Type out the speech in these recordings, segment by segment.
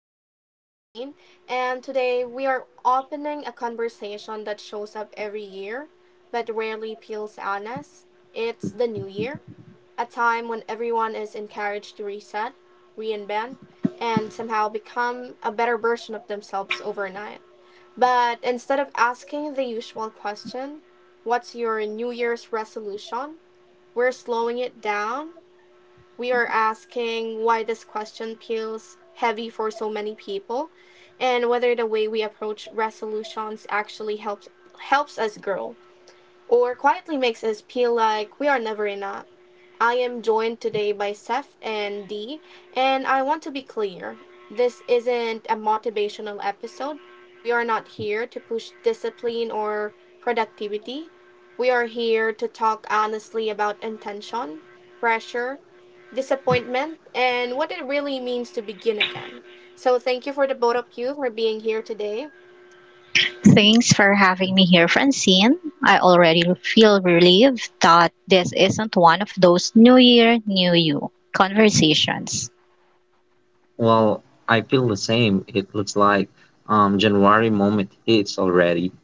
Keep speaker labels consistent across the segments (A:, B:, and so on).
A: I am Francine, and today we are opening a conversation that shows up every year but rarely peels on us. It's the new year, a time when everyone is encouraged to reset, reinvent, and somehow become a better version of themselves overnight. But instead of asking the usual question, what's your New Year's resolution? We're slowing it down, we are asking why this question feels heavy for so many people and whether the way we approach resolutions actually helps us grow or quietly makes us feel like we are never enough. I am joined today by Seth and Dee, and I want to be clear, this isn't a motivational episode. We are not here to push discipline or productivity. We are here to talk honestly about intention, pressure, disappointment, and what it really means to begin again. So, thank you for the both of you for being here today.
B: Thanks for having me here, Francine. I already feel relieved that this isn't one of those New Year, New You conversations.
C: Well, I feel the same. It looks like January moment hits already,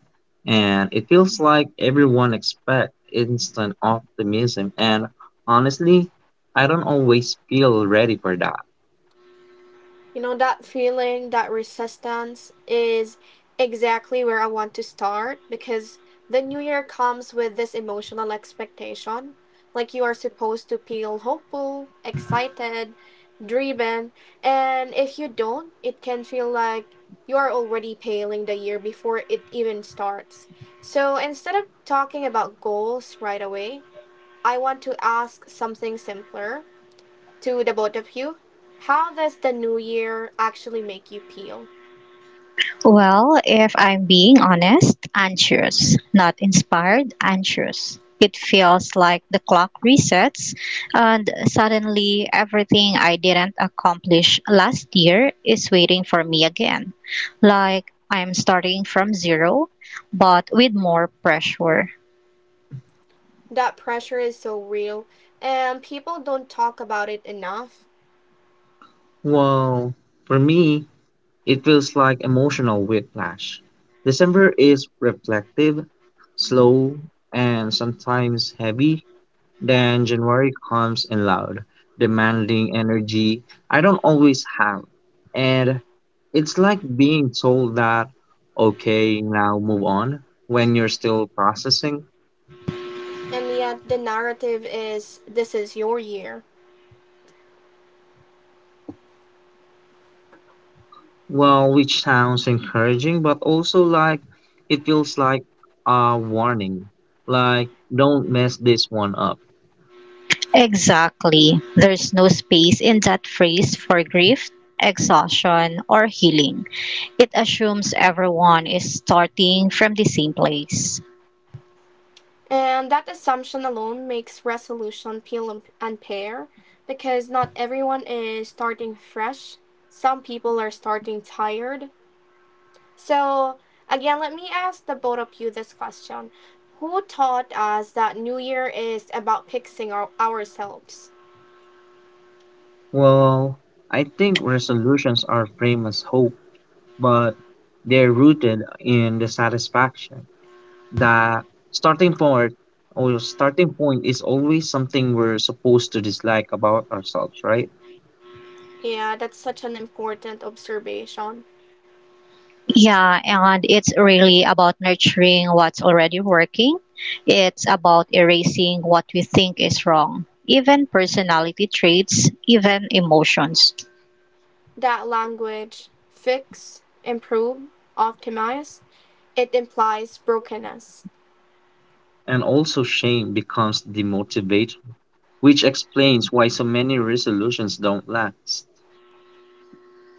C: and it feels like everyone expect instant optimism. And honestly, I don't always feel ready for that.
A: You know, that feeling, that resistance is exactly where I want to start because the new year comes with this emotional expectation. Like you are supposed to feel hopeful, excited, dreaming, and if you don't, it can feel like you are already paling the year before it even starts. So instead of talking about goals right away, I want to ask something simpler to the both of you. How does the new year actually make you feel?
B: Well, if I'm being honest, anxious. Not inspired, anxious. It feels like the clock resets, and suddenly everything I didn't accomplish last year is waiting for me again. Like I'm starting from zero, but with more pressure.
A: That pressure is so real, and people don't talk about it enough.
C: Well, for me, it feels like emotional whiplash. December is reflective, slow, and sometimes heavy. Then January comes in loud, demanding energy I don't always have. And it's like being told that, okay, now move on when you're still processing.
A: And yet, the narrative is this is your year.
C: Well, which sounds encouraging, but also like it feels like a warning, like don't mess this one up.
B: Exactly. There's no space in that phrase for grief, exhaustion, or healing. It assumes everyone is starting from the same place.
A: And that assumption alone makes resolution feel unfair because not everyone is starting fresh. Some people are starting tired. So, again, let me ask the both of you this question. Who taught us that New Year is about fixing ourselves?
C: Well, I think resolutions are framed as hope, but they're rooted in the satisfaction that starting point or starting point is always something we're supposed to dislike about ourselves, right?
A: Yeah, that's such an important observation.
B: Yeah, and it's really about nurturing what's already working. It's about erasing what we think is wrong, even personality traits, even emotions.
A: That language, fix, improve, optimize, it implies brokenness.
C: And also shame becomes the motivator, which explains why so many resolutions don't last.
A: Say that again.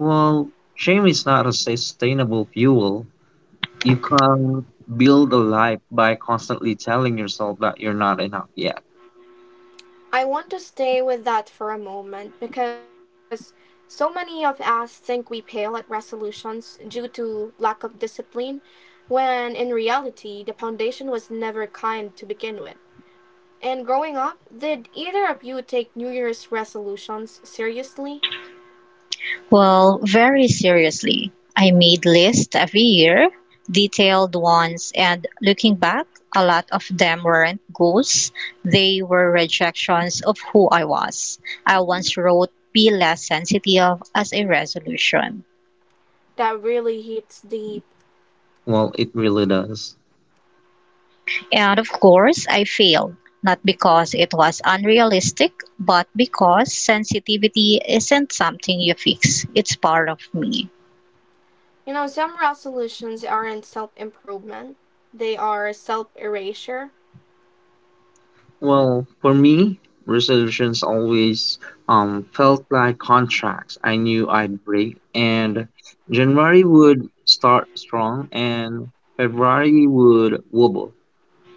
C: Well, shame is not a sustainable fuel. You can't build a life by constantly telling yourself that you're not enough yet.
A: I want to stay with that for a moment because so many of us think we fail at resolutions due to lack of discipline, when in reality the foundation was never kind to begin with. And growing up, did either of you take New Year's resolutions seriously?
B: Well, very seriously. I made lists every year, detailed ones, and looking back, a lot of them weren't goals. They were rejections of who I was. I once wrote be less sensitive as a resolution.
A: That really hits deep.
C: Well, it really does.
B: And of course, I failed, not because it was unrealistic, but because sensitivity isn't something you fix. It's part of me.
A: You know, some resolutions aren't self improvement, they are self erasure.
C: Well, for me, resolutions always felt like contracts I knew I'd break, and January would start strong, and February would wobble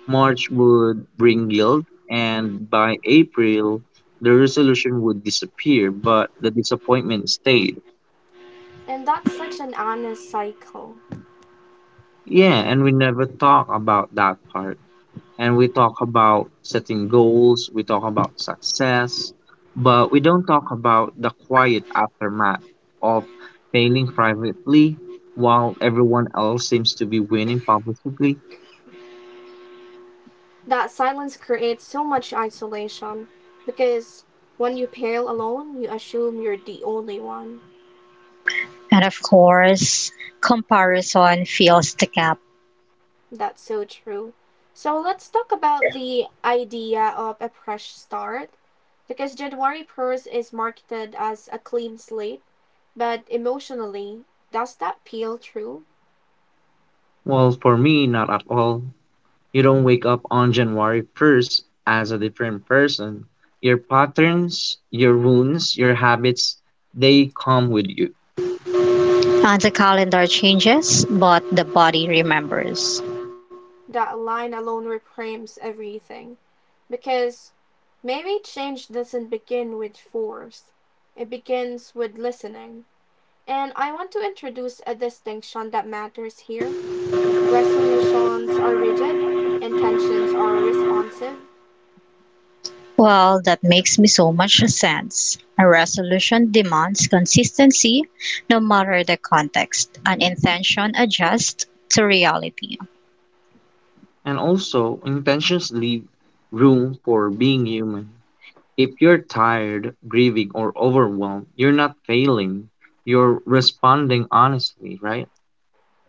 C: March would bring yield, and by April, the resolution would disappear, but the disappointment stayed.
A: And that's such an honest cycle.
C: Yeah, and we never talk about that part. And we talk about setting goals, we talk about success, but we don't talk about the quiet aftermath of failing privately while everyone else seems to be winning publicly.
A: That silence creates so much isolation because when you pair alone, you assume you're the only one.
B: And of course, comparison fills the gap.
A: That's so true. So let's talk about the idea of a fresh start because January 1st is marketed as a clean slate, but emotionally, does that peel true?
C: Well, for me, not at all. You don't wake up on January 1st as a different person. Your patterns, your wounds, your habits, they come with you.
B: And the calendar changes, but the body remembers.
A: That line alone reframes everything because maybe change doesn't begin with force, it begins with listening. And I want to introduce a distinction that matters here. Resolutions are rigid, intentions are responsive.
B: Well, that makes me so much sense. A resolution demands consistency no matter the context, an intention adjusts to reality.
C: And also, intentions leave room for being human. If you're tired, grieving, or overwhelmed, you're not failing. You're responding honestly, right?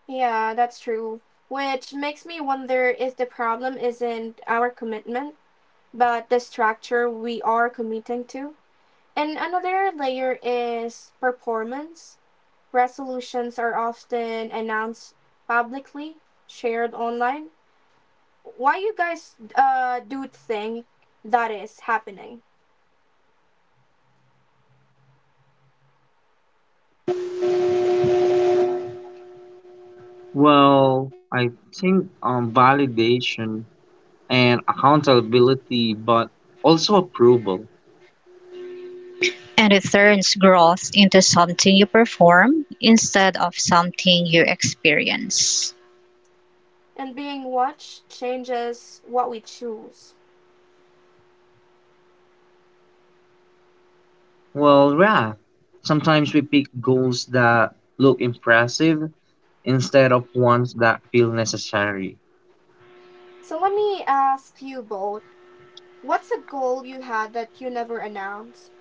A: Yeah, that's true. Which makes me wonder if the problem isn't our commitment, but the structure we are committing to. And another layer is performance. Resolutions are often announced publicly, shared online. Why you guys do think that is happening?
C: Well, I think validation and accountability, but also approval.
B: And it turns growth into something you perform instead of something you experience.
A: And being watched changes what we choose.
C: Well, yeah. Sometimes we pick goals that look impressive instead of ones that feel necessary.
A: So let me ask you both, what's a goal you had that you never announced?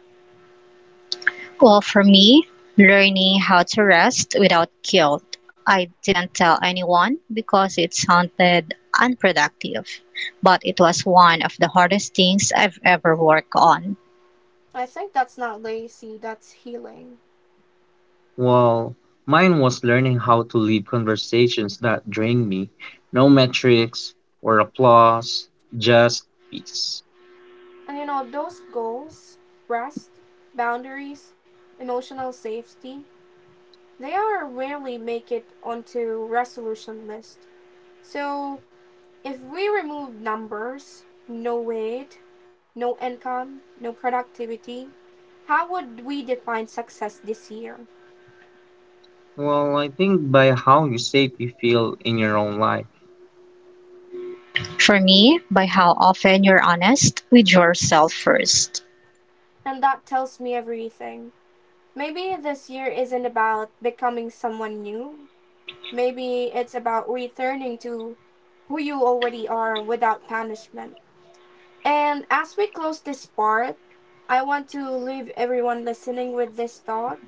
B: Well, for me, learning how to rest without guilt. I didn't tell anyone because it sounded unproductive, but it was one of the hardest things I've ever worked on.
A: I think that's not lazy, that's healing.
C: Well, mine was learning how to lead conversations that drain me. No metrics or applause, just peace.
A: And you know, those goals, rest, boundaries, emotional safety, they are rarely make it onto resolution list. So if we remove numbers, no weight, no income, no productivity, how would we define success this year?
C: Well, I think by how you say, you feel in your own life.
B: For me, by how often you're honest with yourself first.
A: And that tells me everything. Maybe this year isn't about becoming someone new. Maybe it's about returning to who you already are without punishment. And as we close this part, I want to leave everyone listening with this thought.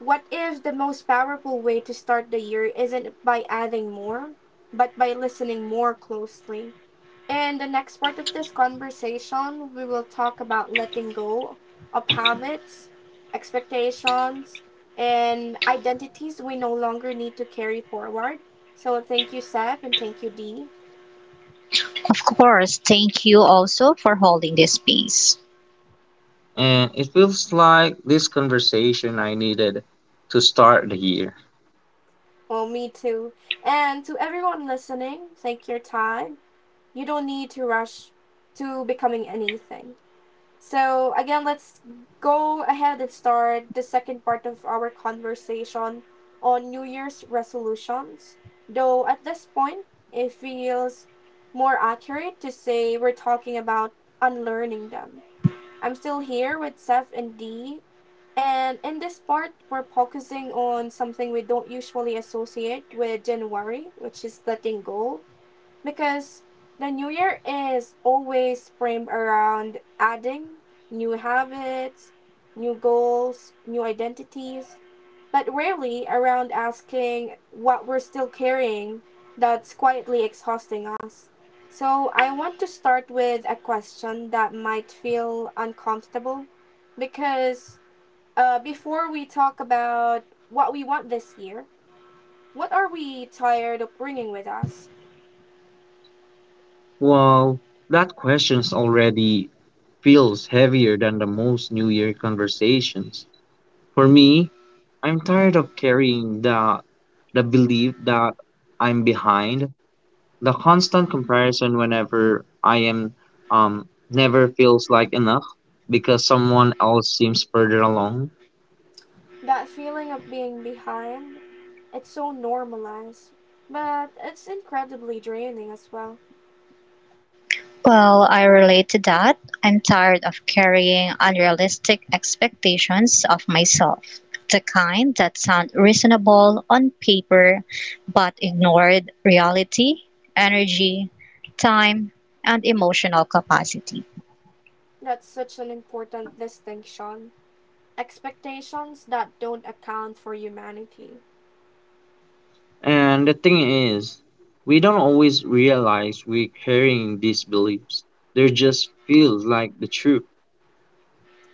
A: What if the most powerful way to start the year isn't by adding more, but by listening more closely? In the next part of this conversation, we will talk about letting go of habits, expectations, and identities we no longer need to carry forward. So, thank you, Seb, and thank you, Dee.
B: Of course, thank you also for holding this space.
C: And it feels like this conversation I needed to start the year.
A: Well, me too. And to everyone listening, take your time. You don't need to rush to becoming anything. So again, let's go ahead and start the second part of our conversation on New Year's resolutions. Though at this point, it feels more accurate to say we're talking about unlearning them. I'm still here with Seth and Dee, and in this part, we're focusing on something we don't usually associate with January, which is letting go, because the new year is always framed around adding new habits, new goals, new identities, but rarely around asking what we're still carrying that's quietly exhausting us. So, I want to start with a question that might feel uncomfortable because before we talk about what we want this year, what are we tired of bringing with us?
C: Well, that question's already feels heavier than the most New Year conversations. For me, I'm tired of carrying the belief that I'm behind. The constant comparison whenever I am never feels like enough because someone else seems further along.
A: That feeling of being behind, it's so normalized, but it's incredibly draining as well.
B: Well, I relate to that. I'm tired of carrying unrealistic expectations of myself, the kind that sound reasonable on paper but ignored reality, energy, time, and emotional capacity.
A: That's such an important distinction. Expectations that don't account for humanity.
C: And the thing is, we don't always realize we're carrying these beliefs. They just feels like the truth.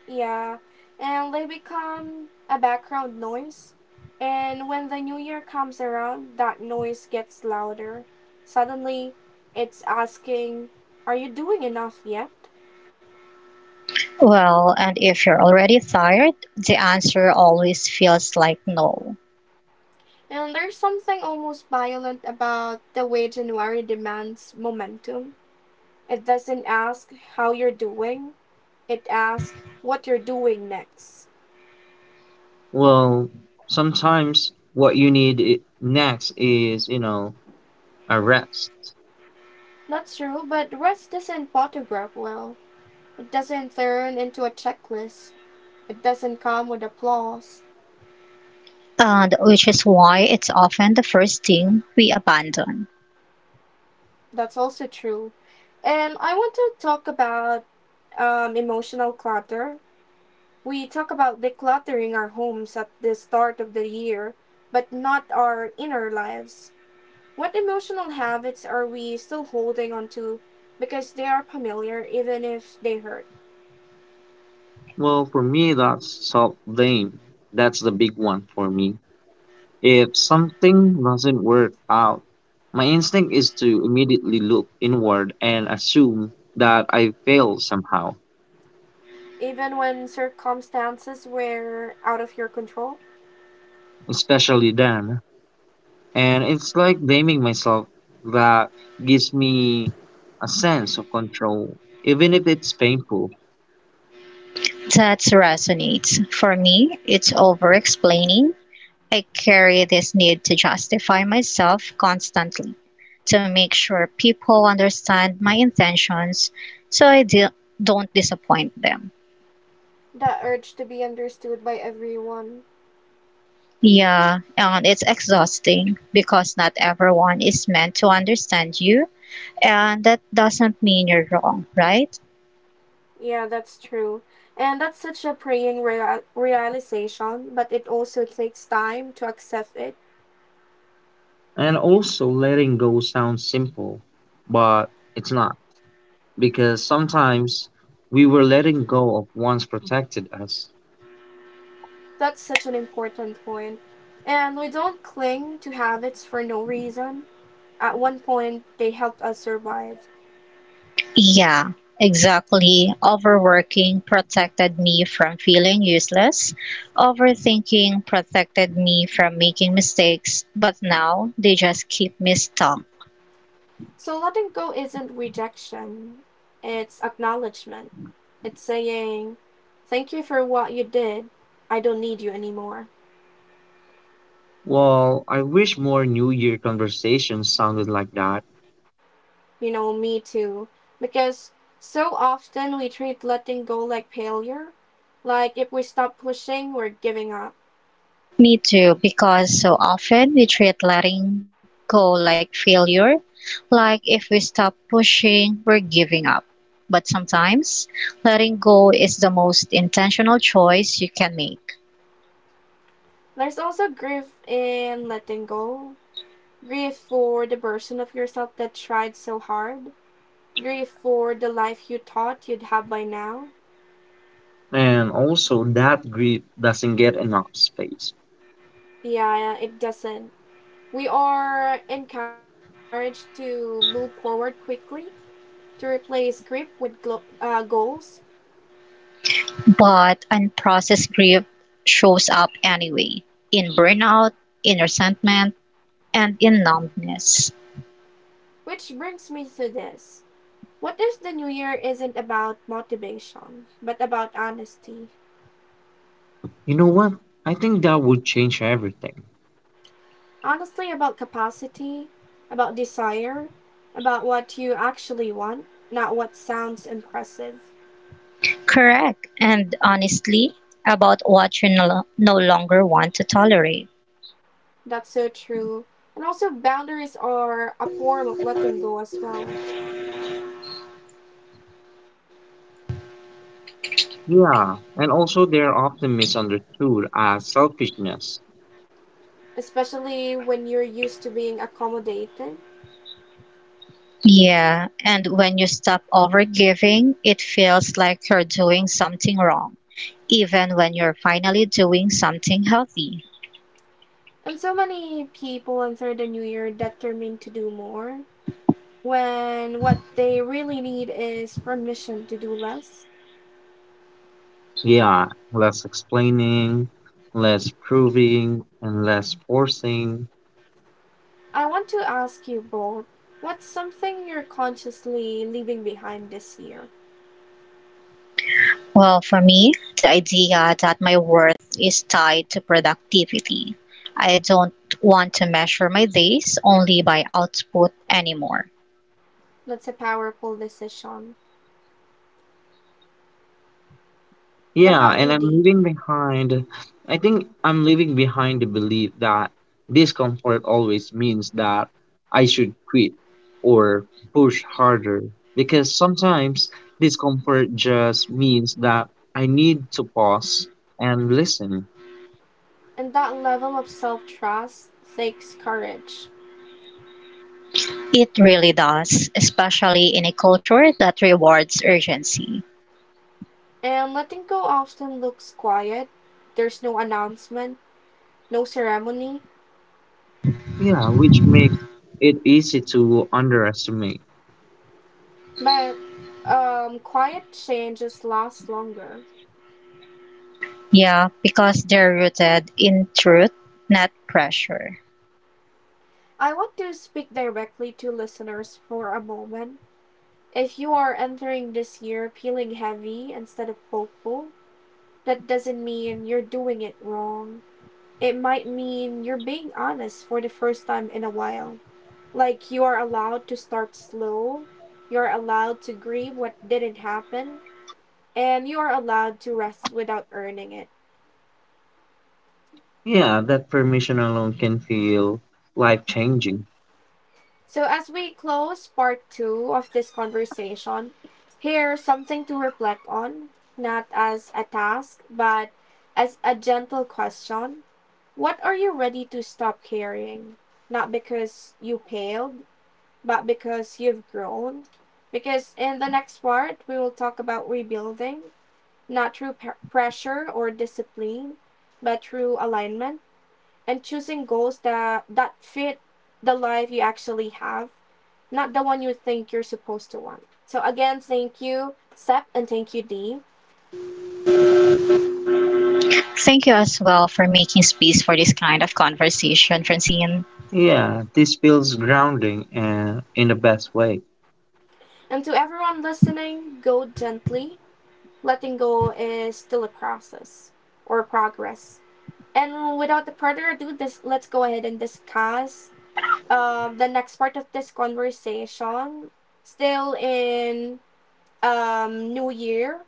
A: Yeah, and they become a background noise. And when the new year comes around, that noise gets louder. Suddenly, it's asking, are you doing enough yet?
B: Well, and if you're already tired, the answer always feels like no.
A: And there's something almost violent about the way January demands momentum. It doesn't ask how you're doing, it asks what you're doing next.
C: Well, sometimes what you need next is, you know, a rest.
A: That's true, but rest doesn't photograph well. It doesn't turn into a checklist. It doesn't come with applause.
B: And which is why it's often the first thing we abandon.
A: That's also true. And I want to talk about emotional clutter. We talk about decluttering our homes at the start of the year, but not our inner lives. What emotional habits are we still holding on to because they are familiar even if they hurt?
C: Well, for me, that's self blame. That's the big one for me. If something doesn't work out, my instinct is to immediately look inward and assume that I failed somehow,
A: Even when circumstances were out of your control?
C: especially then. And it's like blaming myself that gives me a sense of control, even if it's painful.
B: That resonates. For me, it's over explaining. I carry this need to justify myself constantly, to make sure people understand my intentions, so I don't disappoint them.
A: The urge to be understood by everyone.
B: Yeah, and it's exhausting because not everyone is meant to understand you, and that doesn't mean you're wrong, right?
A: Yeah, that's true. And that's such a praying realization, but it also takes time to accept it.
C: And also, letting go sounds simple, but it's not because sometimes we were letting go of what's protected us.
A: That's such an important point. And we don't cling to habits for no reason. At one point, they helped us survive.
B: Yeah, exactly. Overworking protected me from feeling useless. Overthinking protected me from making mistakes. But now they just keep me stuck.
A: So letting go isn't rejection, it's acknowledgement. It's saying, thank you for what you did. I don't need you anymore.
C: Well, I wish more New Year conversations sounded like that,
A: You know, me too. Because so often we treat letting go like failure, like if we stop pushing, we're giving up.
B: Me too, because so often we treat letting go like failure. Like if we stop pushing, we're giving up. But sometimes letting go is the most intentional choice you can make.
A: There's also grief in letting go, grief for the version of yourself that tried so hard, grief for the life you thought you'd have by now.
C: and also that grief doesn't get enough space.
A: Yeah, it doesn't. We are encouraged to move forward quickly, to replace grip with goals.
B: But unprocessed grief shows up anyway, in burnout, in resentment, and in numbness.
A: Which brings me to this. What if the new year isn't about motivation, but about honesty?
C: You know what? I think that would change everything.
A: Honestly, about capacity, about desire, about what you actually want, not what sounds impressive.
B: Correct, and honestly, about what you no longer want to tolerate.
A: That's so true. And also, boundaries are a form of letting go as well,
C: Yeah, and also they're often misunderstood as selfishness.
A: especially when you're used to being accommodated.
B: Yeah, and when you stop overgiving, it feels like you're doing something wrong, even when you're finally doing something healthy.
A: And so many people enter the new year determined to do more when what they really need is permission to do less.
C: Yeah, less explaining, less proving, and less forcing.
A: I want to ask you both, what's something you're consciously leaving behind this year?
B: Well, for me, the idea that my worth is tied to productivity. I don't want to measure my days only by output anymore.
A: That's a powerful decision. What
C: Yeah,
A: about
C: and
A: you,
C: I'm
A: Dee?
C: leaving behind, I think I'm leaving behind the belief that discomfort always means that I should quit or push harder. Because sometimes discomfort just means that I need to pause and listen.
A: And that level of self trust takes courage.
B: It really does, especially in a culture that rewards urgency.
A: And letting go often looks quiet. There's no announcement, no ceremony.
C: Yeah, which makes it easy to underestimate.
A: But quiet changes last longer.
B: Yeah, because they're rooted in truth, not pressure.
A: I want to speak directly to listeners for a moment. If you are entering this year feeling heavy instead of hopeful, that doesn't mean you're doing it wrong. It might mean you're being honest for the first time in a while. Like you are allowed to start slow, you're allowed to grieve what didn't happen, and you are allowed to rest without earning it.
C: Yeah, that permission alone can feel life changing.
A: So, as we close part two of this conversation, here's something to reflect on, not as a task, but as a gentle question. What are you ready to stop carrying? Not because you failed, but because you've grown. Because in the next part, we will talk about rebuilding, not through pressure or discipline, but through alignment and choosing goals that fit the life you actually have, not the one you think you're supposed to want. So, again, thank you, Sep, and thank you, Dee.
B: Thank you as well for making space for this kind of conversation, Francine.
C: Yeah, this feels grounding and in the best way.
A: And to everyone listening, go gently. Letting go is still a process or a progress. And without further ado, let's go ahead and discuss the next part of this conversation. Still in New Year.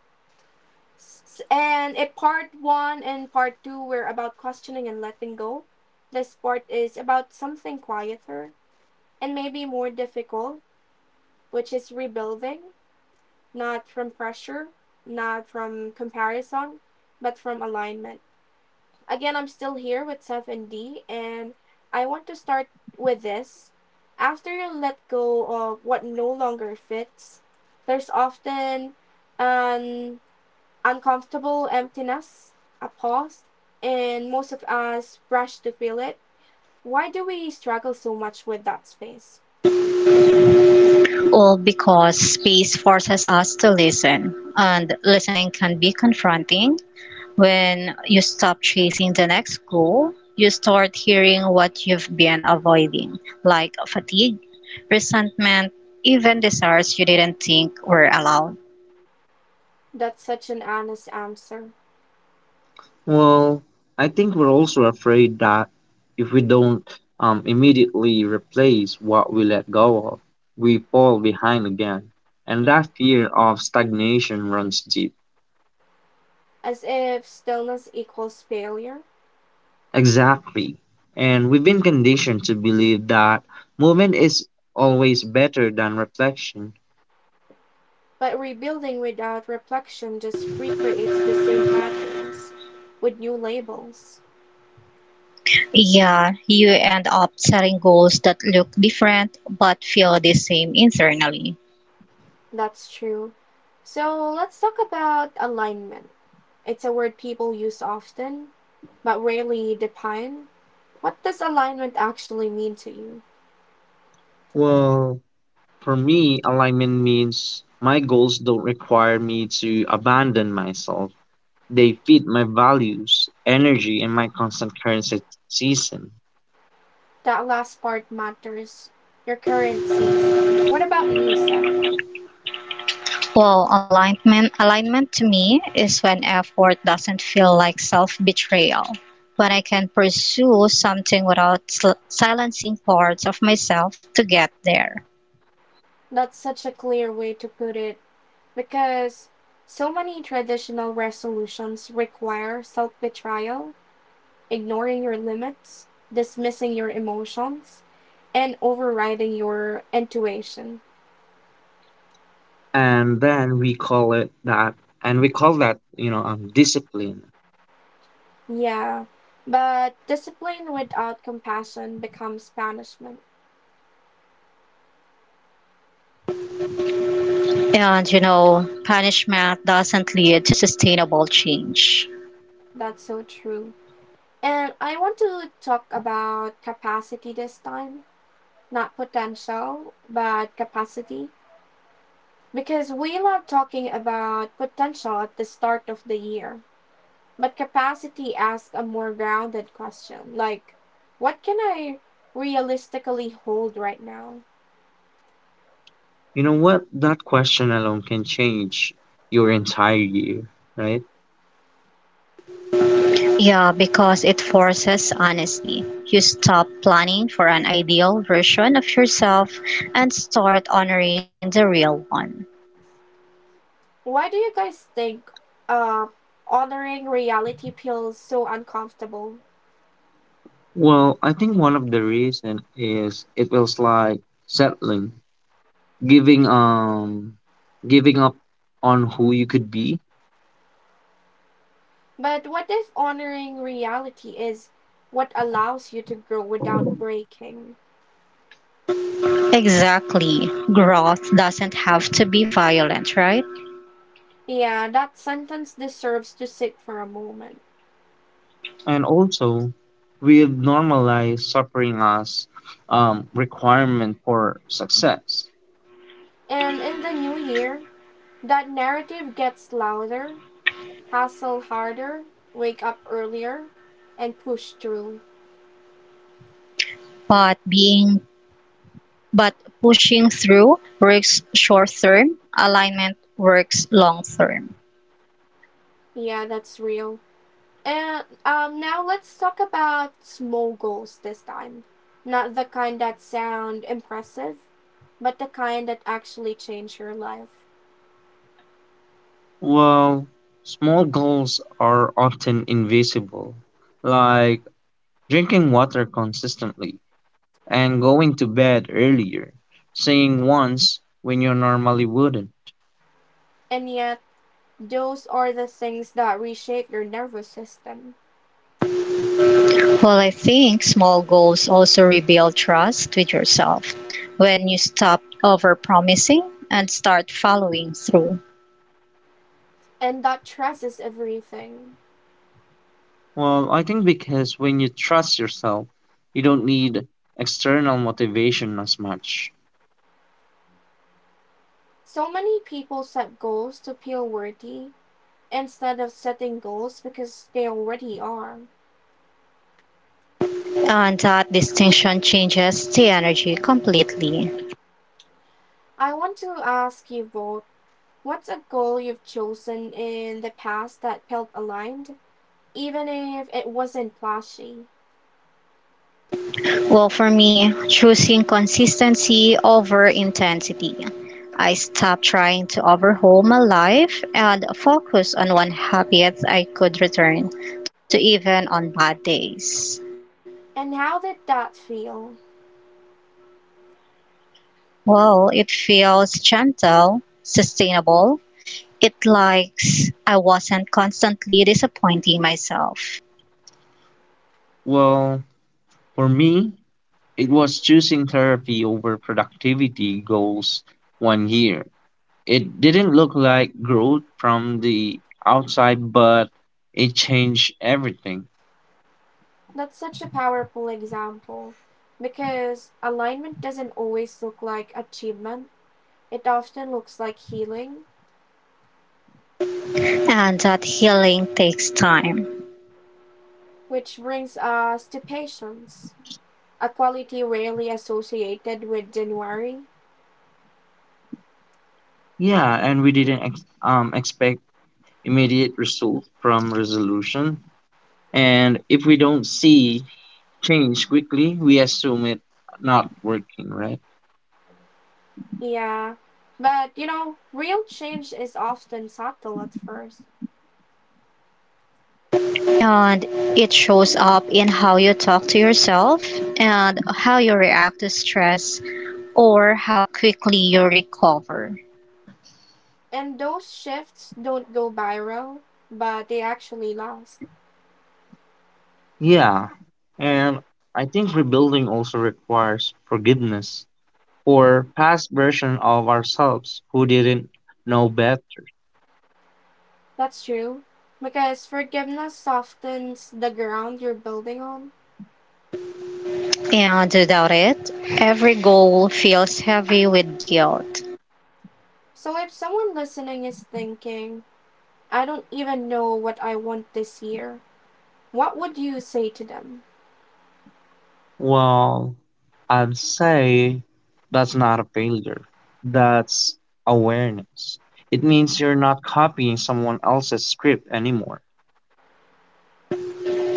A: And in part one and part two were about questioning and letting go. This part is about something quieter and maybe more difficult, which is rebuilding, not from pressure, not from comparison, but from alignment. Again, I'm still here with Seth and D, and I want to start with this. After you let go of what no longer fits, there's often an uncomfortable emptiness, a pause, and most of us rush to fill it. Why do we struggle so much with that space?
B: All because space forces us to listen, and listening can be confronting. When you stop chasing the next goal, you start hearing what you've been avoiding, like fatigue, resentment, even desires you didn't think were allowed.
A: That's such an honest answer.
C: Well, I think we're also afraid that if we don't immediately replace what we let go of, we fall behind again. And that fear of stagnation runs deep.
A: As if stillness equals failure.
C: Exactly. And we've been conditioned to believe that movement is always better than reflection.
A: But rebuilding without reflection just recreates the same patterns with new labels.
B: Yeah, you end up setting goals that look different but feel the same internally.
A: That's true. So let's talk about alignment. It's a word people use often, but rarely define. What does alignment actually mean to you?
C: Well, for me, alignment means my goals don't require me to abandon myself. They feed my values, energy, and my constant currency season.
A: That last part matters. Your current season. What about you, Seth?
B: Well, alignment to me is when effort doesn't feel like self-betrayal. When I can pursue something without silencing parts of myself to get there.
A: That's such a clear way to put it. Because so many traditional resolutions require self betrayal, ignoring your limits, dismissing your emotions, and overriding your intuition.
C: And then we call it that, and we call that, you know, discipline.
A: Yeah, but discipline without compassion becomes punishment.
B: And you know, punishment doesn't lead to sustainable change.
A: That's so true. And I want to talk about capacity this time, not potential, but capacity. Because we love talking about potential at the start of the year. But capacity asks a more grounded question like, what can I realistically hold right now?
C: You know what? That question alone can change your entire year, right?
B: Yeah, because it forces honesty. You stop planning for an ideal version of yourself and start honoring the real one.
A: Why do you guys think uh, honoring reality feels so uncomfortable?
C: Well, I think one of the reason is it feels like settling, giving um, giving up on who you could be
A: But what if honoring reality is what allows you to grow without breaking?
B: Exactly. Growth doesn't have to be violent, right?
A: Yeah, that sentence deserves to sit for a moment.
C: and also we normalize suffering as requirement for success.
A: And in the new year, that narrative gets louder, hustle harder, wake up earlier, and push through.
B: But being but pushing through works short term, alignment works long term.
A: Yeah, that's real. And now let's talk about small goals this time. Not the kind that sound impressive, but the kind that actually change your life.
C: Well, small goals are often invisible, like drinking water consistently and going to bed earlier, saying once when you normally wouldn't.
A: And yet, those are the things that reshape your nervous system
B: Well, I think small goals also rebuild trust with yourself when you stop overpromising and start following through.
A: and that stresses everything.
C: Well, I think because when you trust yourself, you don't need external motivation as much.
A: So many people set goals to feel worthy instead of setting goals because they already are.
B: And that distinction changes the energy completely.
A: I want to ask you both, what's a goal you've chosen in the past that felt aligned, even if it wasn't flashy?
B: Well, for me, choosing consistency over intensity. I stopped trying to overhaul my life and focus on one habit I could return to even on bad days.
A: And how did that feel?
B: Well, it feels gentle, sustainable. It likes I wasn't constantly disappointing myself.
C: Well, for me, it was choosing therapy over productivity goals one year. It didn't look like growth from the outside, but it changed everything.
A: That's such a powerful example, because alignment doesn't always look like achievement, it often looks like healing,
B: And that healing takes time.
A: which brings us to patience, a quality rarely associated with January.
C: Yeah, and we didn't expect immediate result from resolution. And if we don't see change quickly, we assume it not working, right?
A: Yeah, but you know, real change is often subtle at first.
B: And it shows up in how you talk to yourself and how you react to stress or how quickly you recover.
A: And those shifts don't go viral, but they actually last.
C: Yeah, and I think rebuilding also requires forgiveness or past version of ourselves who didn't know better?
A: That's true. Because forgiveness softens the ground you're building on.
B: And without it, every goal feels heavy with guilt.
A: So if someone listening is thinking, I don't even know what I want this year, what would you say to them?
C: Well, I'd say that's not a failure. That's awareness. It means you're not copying someone else's script anymore.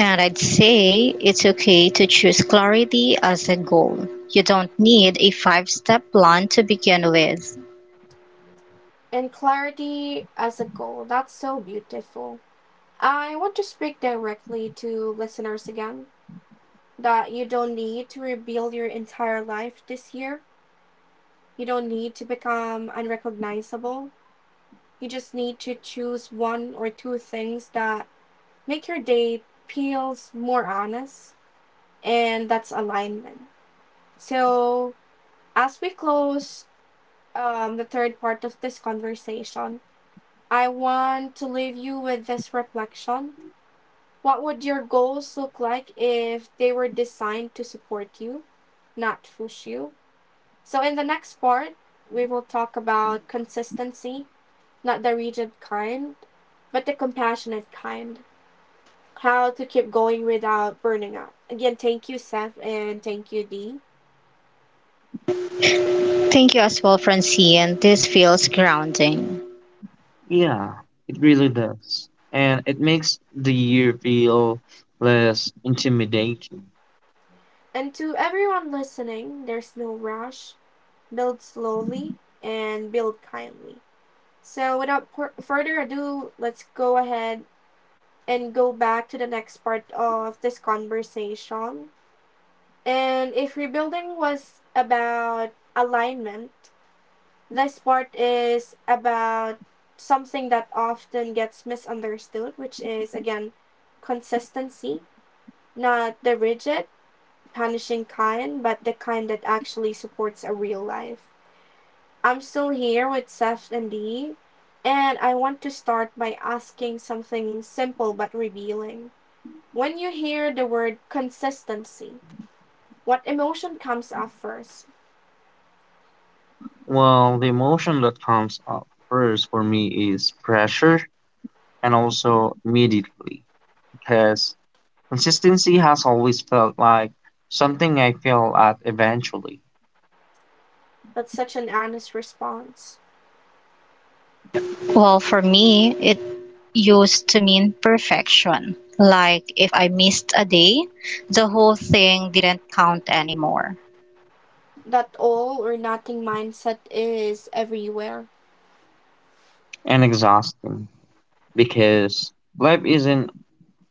B: And I'd say it's okay to choose clarity as a goal. You don't need a five step plan to begin with.
A: And clarity as a goal, that's so beautiful. I want to speak directly to listeners again, that you don't need to rebuild your entire life this year. You don't need to become unrecognizable. You just need to choose one or two things that make your day feels more honest, and that's alignment. So, as we close the third part of this conversation, I want to leave you with this reflection. What would your goals look like if they were designed to support you, not push you? So, in the next part, we will talk about consistency. Not the rigid kind, but the compassionate kind. How to keep going without burning out. Again, thank you, Seth, and thank you, Dee.
B: Thank you as well, Francine. This feels grounding.
C: Yeah, it really does. And it makes the year feel less intimidating.
A: And to everyone listening, there's no rush. Build slowly and build kindly. So, without further ado, let's go ahead and go back to the next part of this conversation. And if rebuilding was about alignment, this part is about something that often gets misunderstood, which is again consistency, not the rigid, punishing kind, but the kind that actually supports a real life. I'm still here with Seth and Dee, and I want to start by asking something simple but revealing. When you hear the word consistency, what emotion comes up first?
C: Well, the emotion that comes up first for me is pressure and also immediately because consistency has always felt like something I fail at eventually
A: That's such an honest response.
B: Well, for me, it used to mean perfection. Like if I missed a day, the whole thing didn't count anymore.
A: That all or nothing mindset is everywhere.
C: and exhausting because life isn't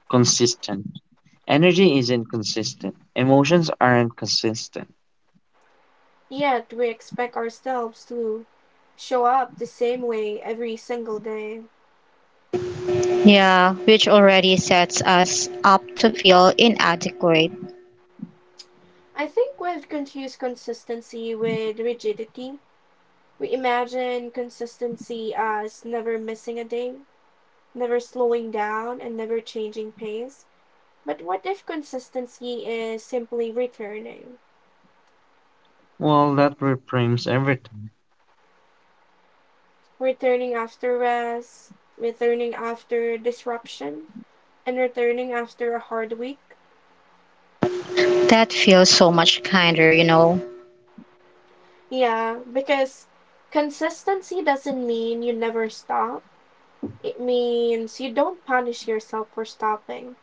C: consistent. Energy isn't consistent. Emotions aren't consistent.
A: Yet we expect ourselves to show up the same way every single day.
B: Yeah, which already sets us up to feel inadequate.
A: I think we've confused consistency with rigidity. We imagine consistency as never missing a day, never slowing down, and never changing pace. But what if consistency is simply returning?
C: Well, that reframes everything.
A: Returning after rest, returning after disruption, and returning after a hard week?
B: That feels so much kinder, you know,
A: Yeah, because consistency doesn't mean you never stop. It means you don't punish yourself for stopping.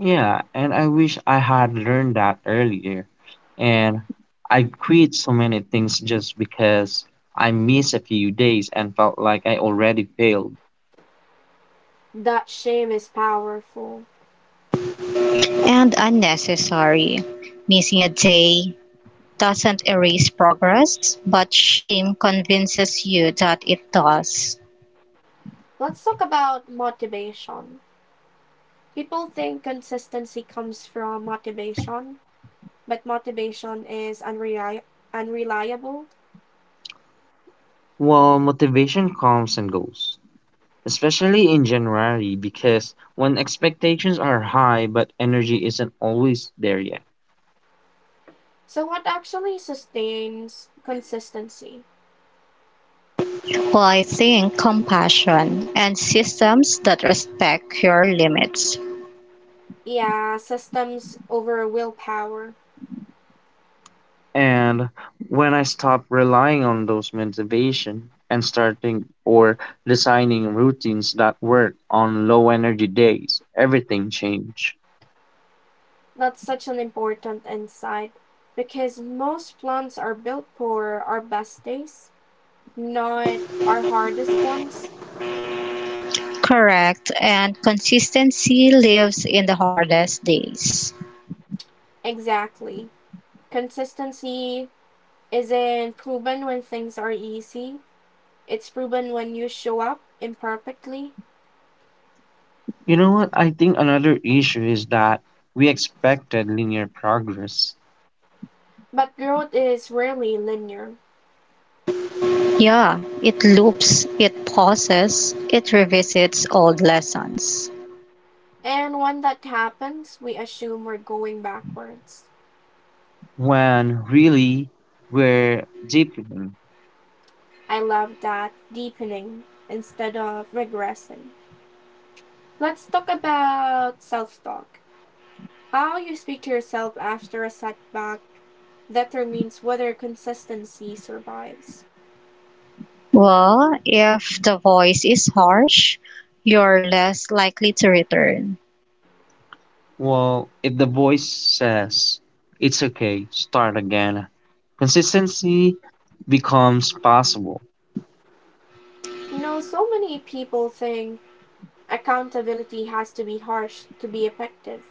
C: Yeah, and I wish I had learned that earlier. And I quit so many things just because I missed a few days and felt like I already failed.
A: That shame is powerful.
B: and unnecessary. Missing a day doesn't erase progress, but shame convinces you that it does.
A: Let's talk about motivation. People think consistency comes from motivation, but motivation is unreliable.
C: Well, motivation comes and goes, especially in January because when expectations are high but energy isn't always there yet.
A: So, what actually sustains consistency?
B: Apply think compassion and systems that respect your limits.
A: Yeah, systems over willpower.
C: And when I stop relying on those motivation and starting or designing routines that work on low energy days, everything changed.
A: That's such an important insight, because most plans are built for our best days, not our hardest ones.
B: Correct, and consistency lives in the hardest days.
A: Exactly. Consistency isn't proven when things are easy, it's proven when you show up imperfectly.
C: You know what? I think another issue is that we expected linear progress
A: But growth is rarely linear.
B: Yeah, it loops, it pauses, it revisits old lessons.
A: And when that happens, we assume we're going backwards.
C: when really we're deep.
A: I love that, deepening instead of regressing. Let's talk about self talk. How you speak to yourself after a setback determines whether consistency survives.
B: Well, if the voice is harsh, you're less likely to return.
C: Well, if the voice says, it's okay, start again, consistency becomes possible.
A: You know, so many people think accountability has to be harsh to be effective.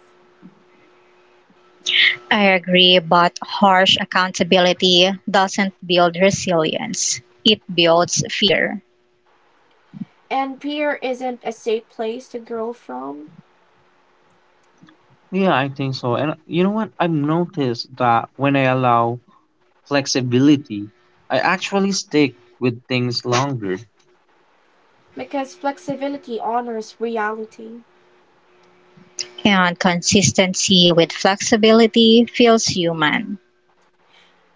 B: I agree, but harsh accountability doesn't build resilience, it builds fear.
A: And peer isn't a safe place to grow from,
C: Yeah, I think so. And you know what? I've noticed that when I allow flexibility, I actually stick with things longer.
A: because flexibility honors reality.
B: And consistency with flexibility feels human.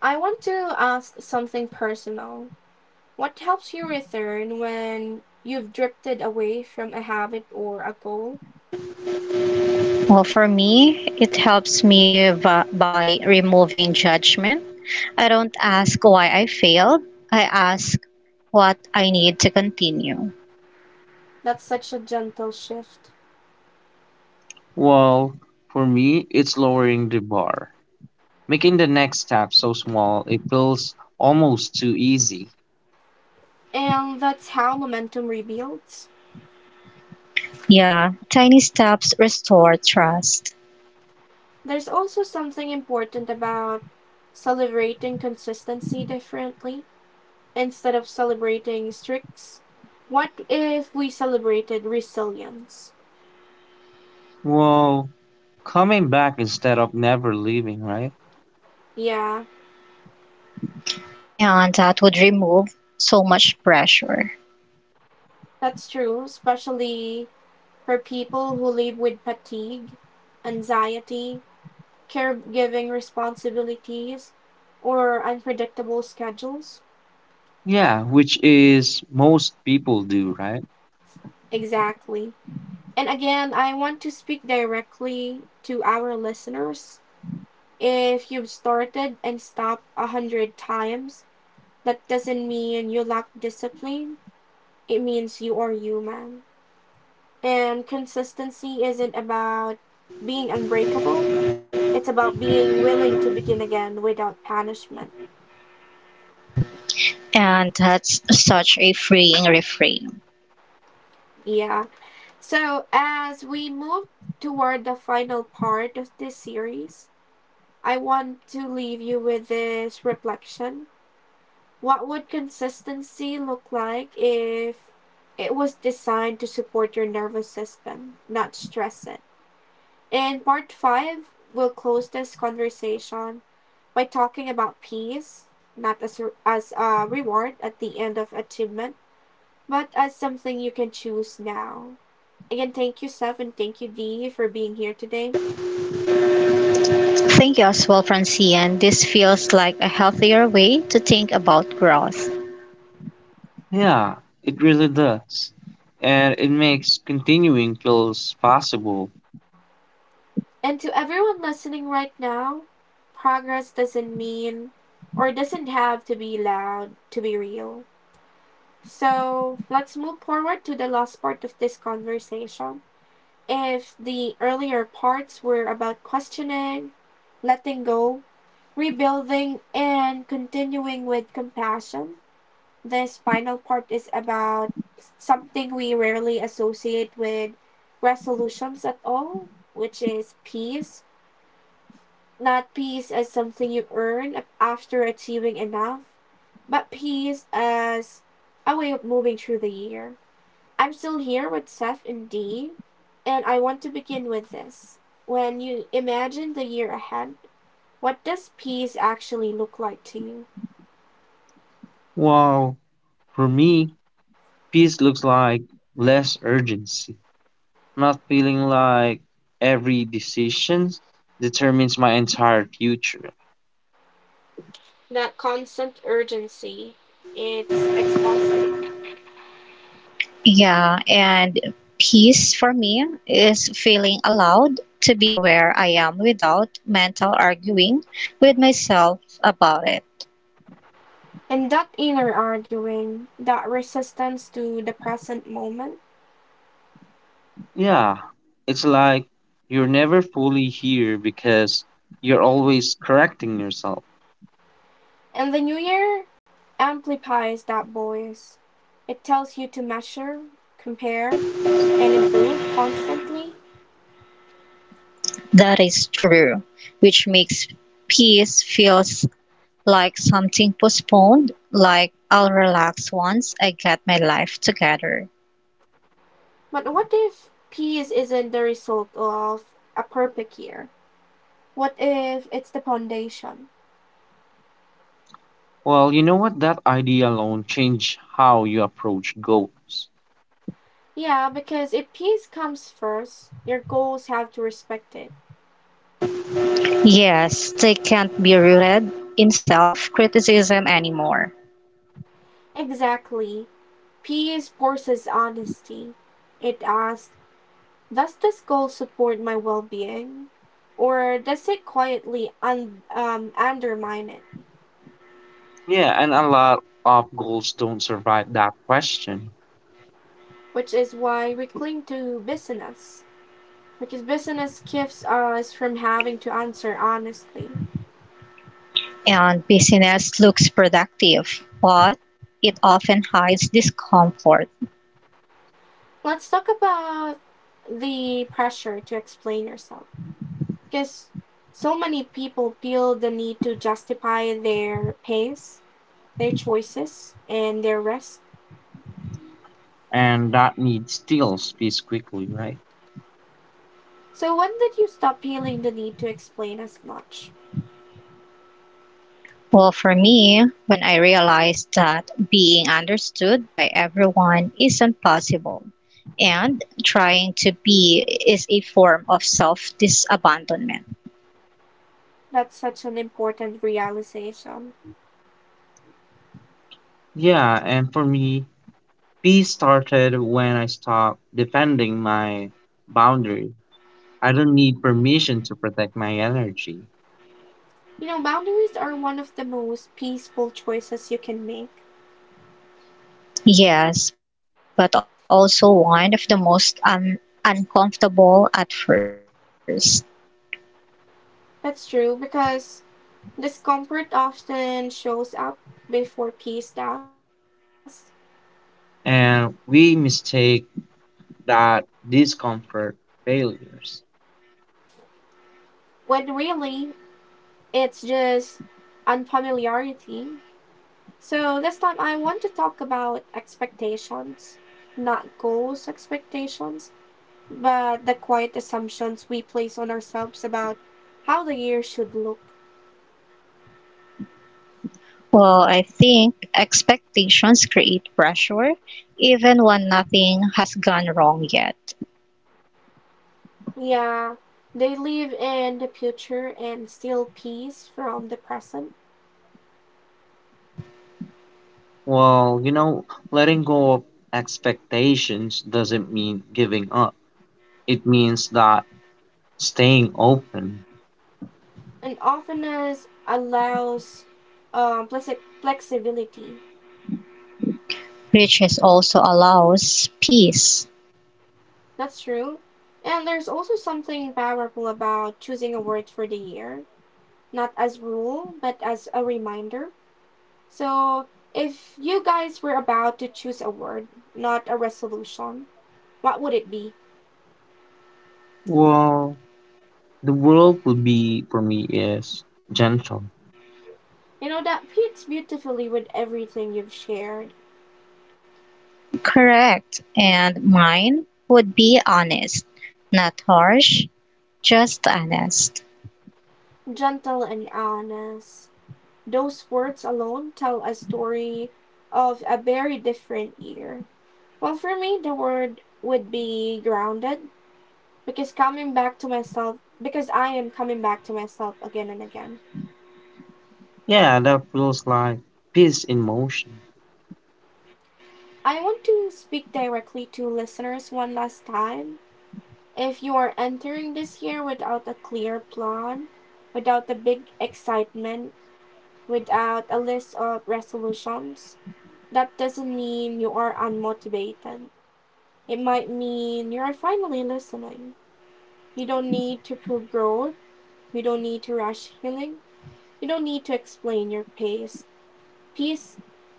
A: I want to ask something personal. What helps you return when you've drifted away from a habit or a goal?
B: Well, for me, it helps me by removing judgment. I don't ask why I failed, I ask what I need to continue.
A: That's such a gentle shift.
C: Well, for me, it's lowering the bar, making the next step so small it feels almost too easy.
A: And that's how momentum rebuilds.
B: Yeah, tiny steps restore trust,
A: There's also something important about celebrating consistency differently, instead of celebrating streaks. What if we celebrated resilience?
C: Well, coming back instead of never leaving, right?
A: Yeah,
B: and that would remove so much pressure.
A: that's true, especially for people who live with fatigue, anxiety, caregiving responsibilities, or unpredictable schedules.
C: Yeah, which is most people do, right?
A: Exactly. And again, I want to speak directly to our listeners. If you've started and stopped a hundred times, that doesn't mean you lack discipline. It means you are human. And consistency isn't about being unbreakable, it's about being willing to begin again without punishment.
B: And that's such a freeing reframe.
A: Yeah. So, as we move toward the final part of this series, I want to leave you with this reflection. What would consistency look like if it was designed to support your nervous system, not stress it? In part five, we'll close this conversation by talking about peace, not as a reward at the end of achievement, but as something you can choose now. Again, thank you, Steph, and thank you, Dee, for being here today.
B: Thank you as well, Francine. This feels like a healthier way to think about growth.
C: Yeah, it really does. And it makes continuing kills possible.
A: And to everyone listening right now, progress doesn't mean, or doesn't have to be loud to be real. So let's move forward to the last part of this conversation. If the earlier parts were about questioning, letting go, rebuilding, and continuing with compassion, this final part is about something we rarely associate with resolutions at all, which is peace. Not peace as something you earn after achieving enough, but peace as a way of moving through the year. I'm still here with Seth and Dee, and I want to begin with this. When you imagine the year ahead, what does peace actually look like to you?
C: While for me, peace looks like less urgency, not feeling like every decision determines my entire future.
A: That constant urgency, it's exhausting.
B: Yeah, and peace for me is feeling allowed to be where I am without mental arguing with myself about it.
A: And that inner arguing, that resistance to the present moment.
C: Yeah, it's like you're never fully here because you're always correcting yourself.
A: And the new year amplifies that voice. It tells you to measure, compare, and improve constantly.
B: That is true, which makes peace feels like something postponed, like I'll relax once I get my life together.
A: But what if peace isn't the result of a perfect year? What if it's the foundation?
C: Well, you know what? That idea alone changed how you approach goals.
A: Yeah, because if peace comes first, your goals have to respect it.
B: Yes, they can't be rooted in self criticism anymore.
A: Exactly. Peace forces honesty. It asks, does this goal support my well being? Or does it quietly undermine it?
C: Yeah, and a lot of goals don't survive that question.
A: Which is why we cling to business. Because business keeps us from having to answer honestly.
B: And business looks productive, but it often hides discomfort.
A: Let's talk about the pressure to explain yourself, because so many people feel the need to justify their pace, their choices, and their rest.
C: And that need steals peace quickly, right?
A: So, when did you stop feeling the need to explain as much?
B: Well, for me, when I realized that being understood by everyone isn't possible, and trying to be is a form of self disabandonment.
A: That's such an important realization.
C: Yeah, and for me, peace started when I stopped defending my boundary. I don't need permission to protect my energy.
A: You know, boundaries are one of the most peaceful choices you can make.
B: Yes, but also one of the most uncomfortable at first.
A: That's true, because discomfort often shows up before peace does,
C: And we mistake that discomfort failures.
A: when really it's just unfamiliarity. So this time I want to talk about expectations, not goals expectations, but the quiet assumptions we place on ourselves about how the year should look.
B: Well, I think expectations create pressure even when nothing has gone wrong yet.
A: Yeah, they live in the future and steal peace from the present.
C: Well, you know, letting go of expectations doesn't mean giving up. It means that staying open.
A: And openness allows flexibility.
B: Riches also allows peace,
A: That's true. And there's also something powerful about choosing a word for the year, not as rule, but as a reminder. So, if you guys were about to choose a word, not a resolution, what would it be?
C: Well, the world would be for me is gentle.
A: You know, that fits beautifully with everything you've shared.
B: correct, and mine would be honest, not harsh, just honest.
A: Gentle and honest. Those words alone tell a story of a very different year. Well, for me, the word would be grounded, because coming back to myself, because I am coming back to myself again and again.
C: Yeah, that feels like peace in motion.
A: I want to speak directly to listeners one last time. If you are entering this year without a clear plan, without a big excitement, without a list of resolutions, that doesn't mean you are unmotivated. It might mean you are finally listening. You don't need to prove growth. You don't need to rush healing. You don't need to explain your pace. Peace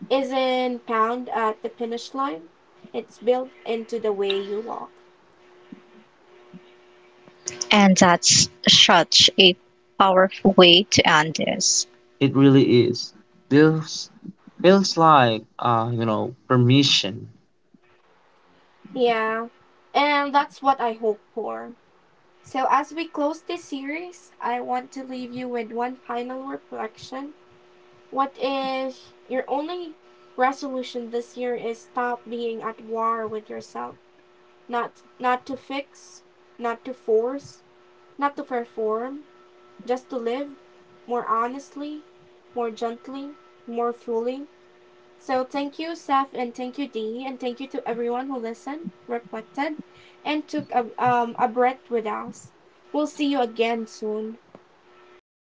A: isn't found at the finish line. It's built into the way you walk.
B: And that's such a powerful way to end this.
C: It really is. Feels like you know, permission.
A: Yeah, and that's what I hope for. So, as we close this series, I want to leave you with one final reflection. What is your only resolution this year is stop being at war with yourself. Not to fix, not to force, not to perform, just to live more honestly, more gently, more fully, so thank you, Saf, and thank you, Dee, and thank you to everyone who listened, reflected, and took a a breath with us. We'll see you again soon.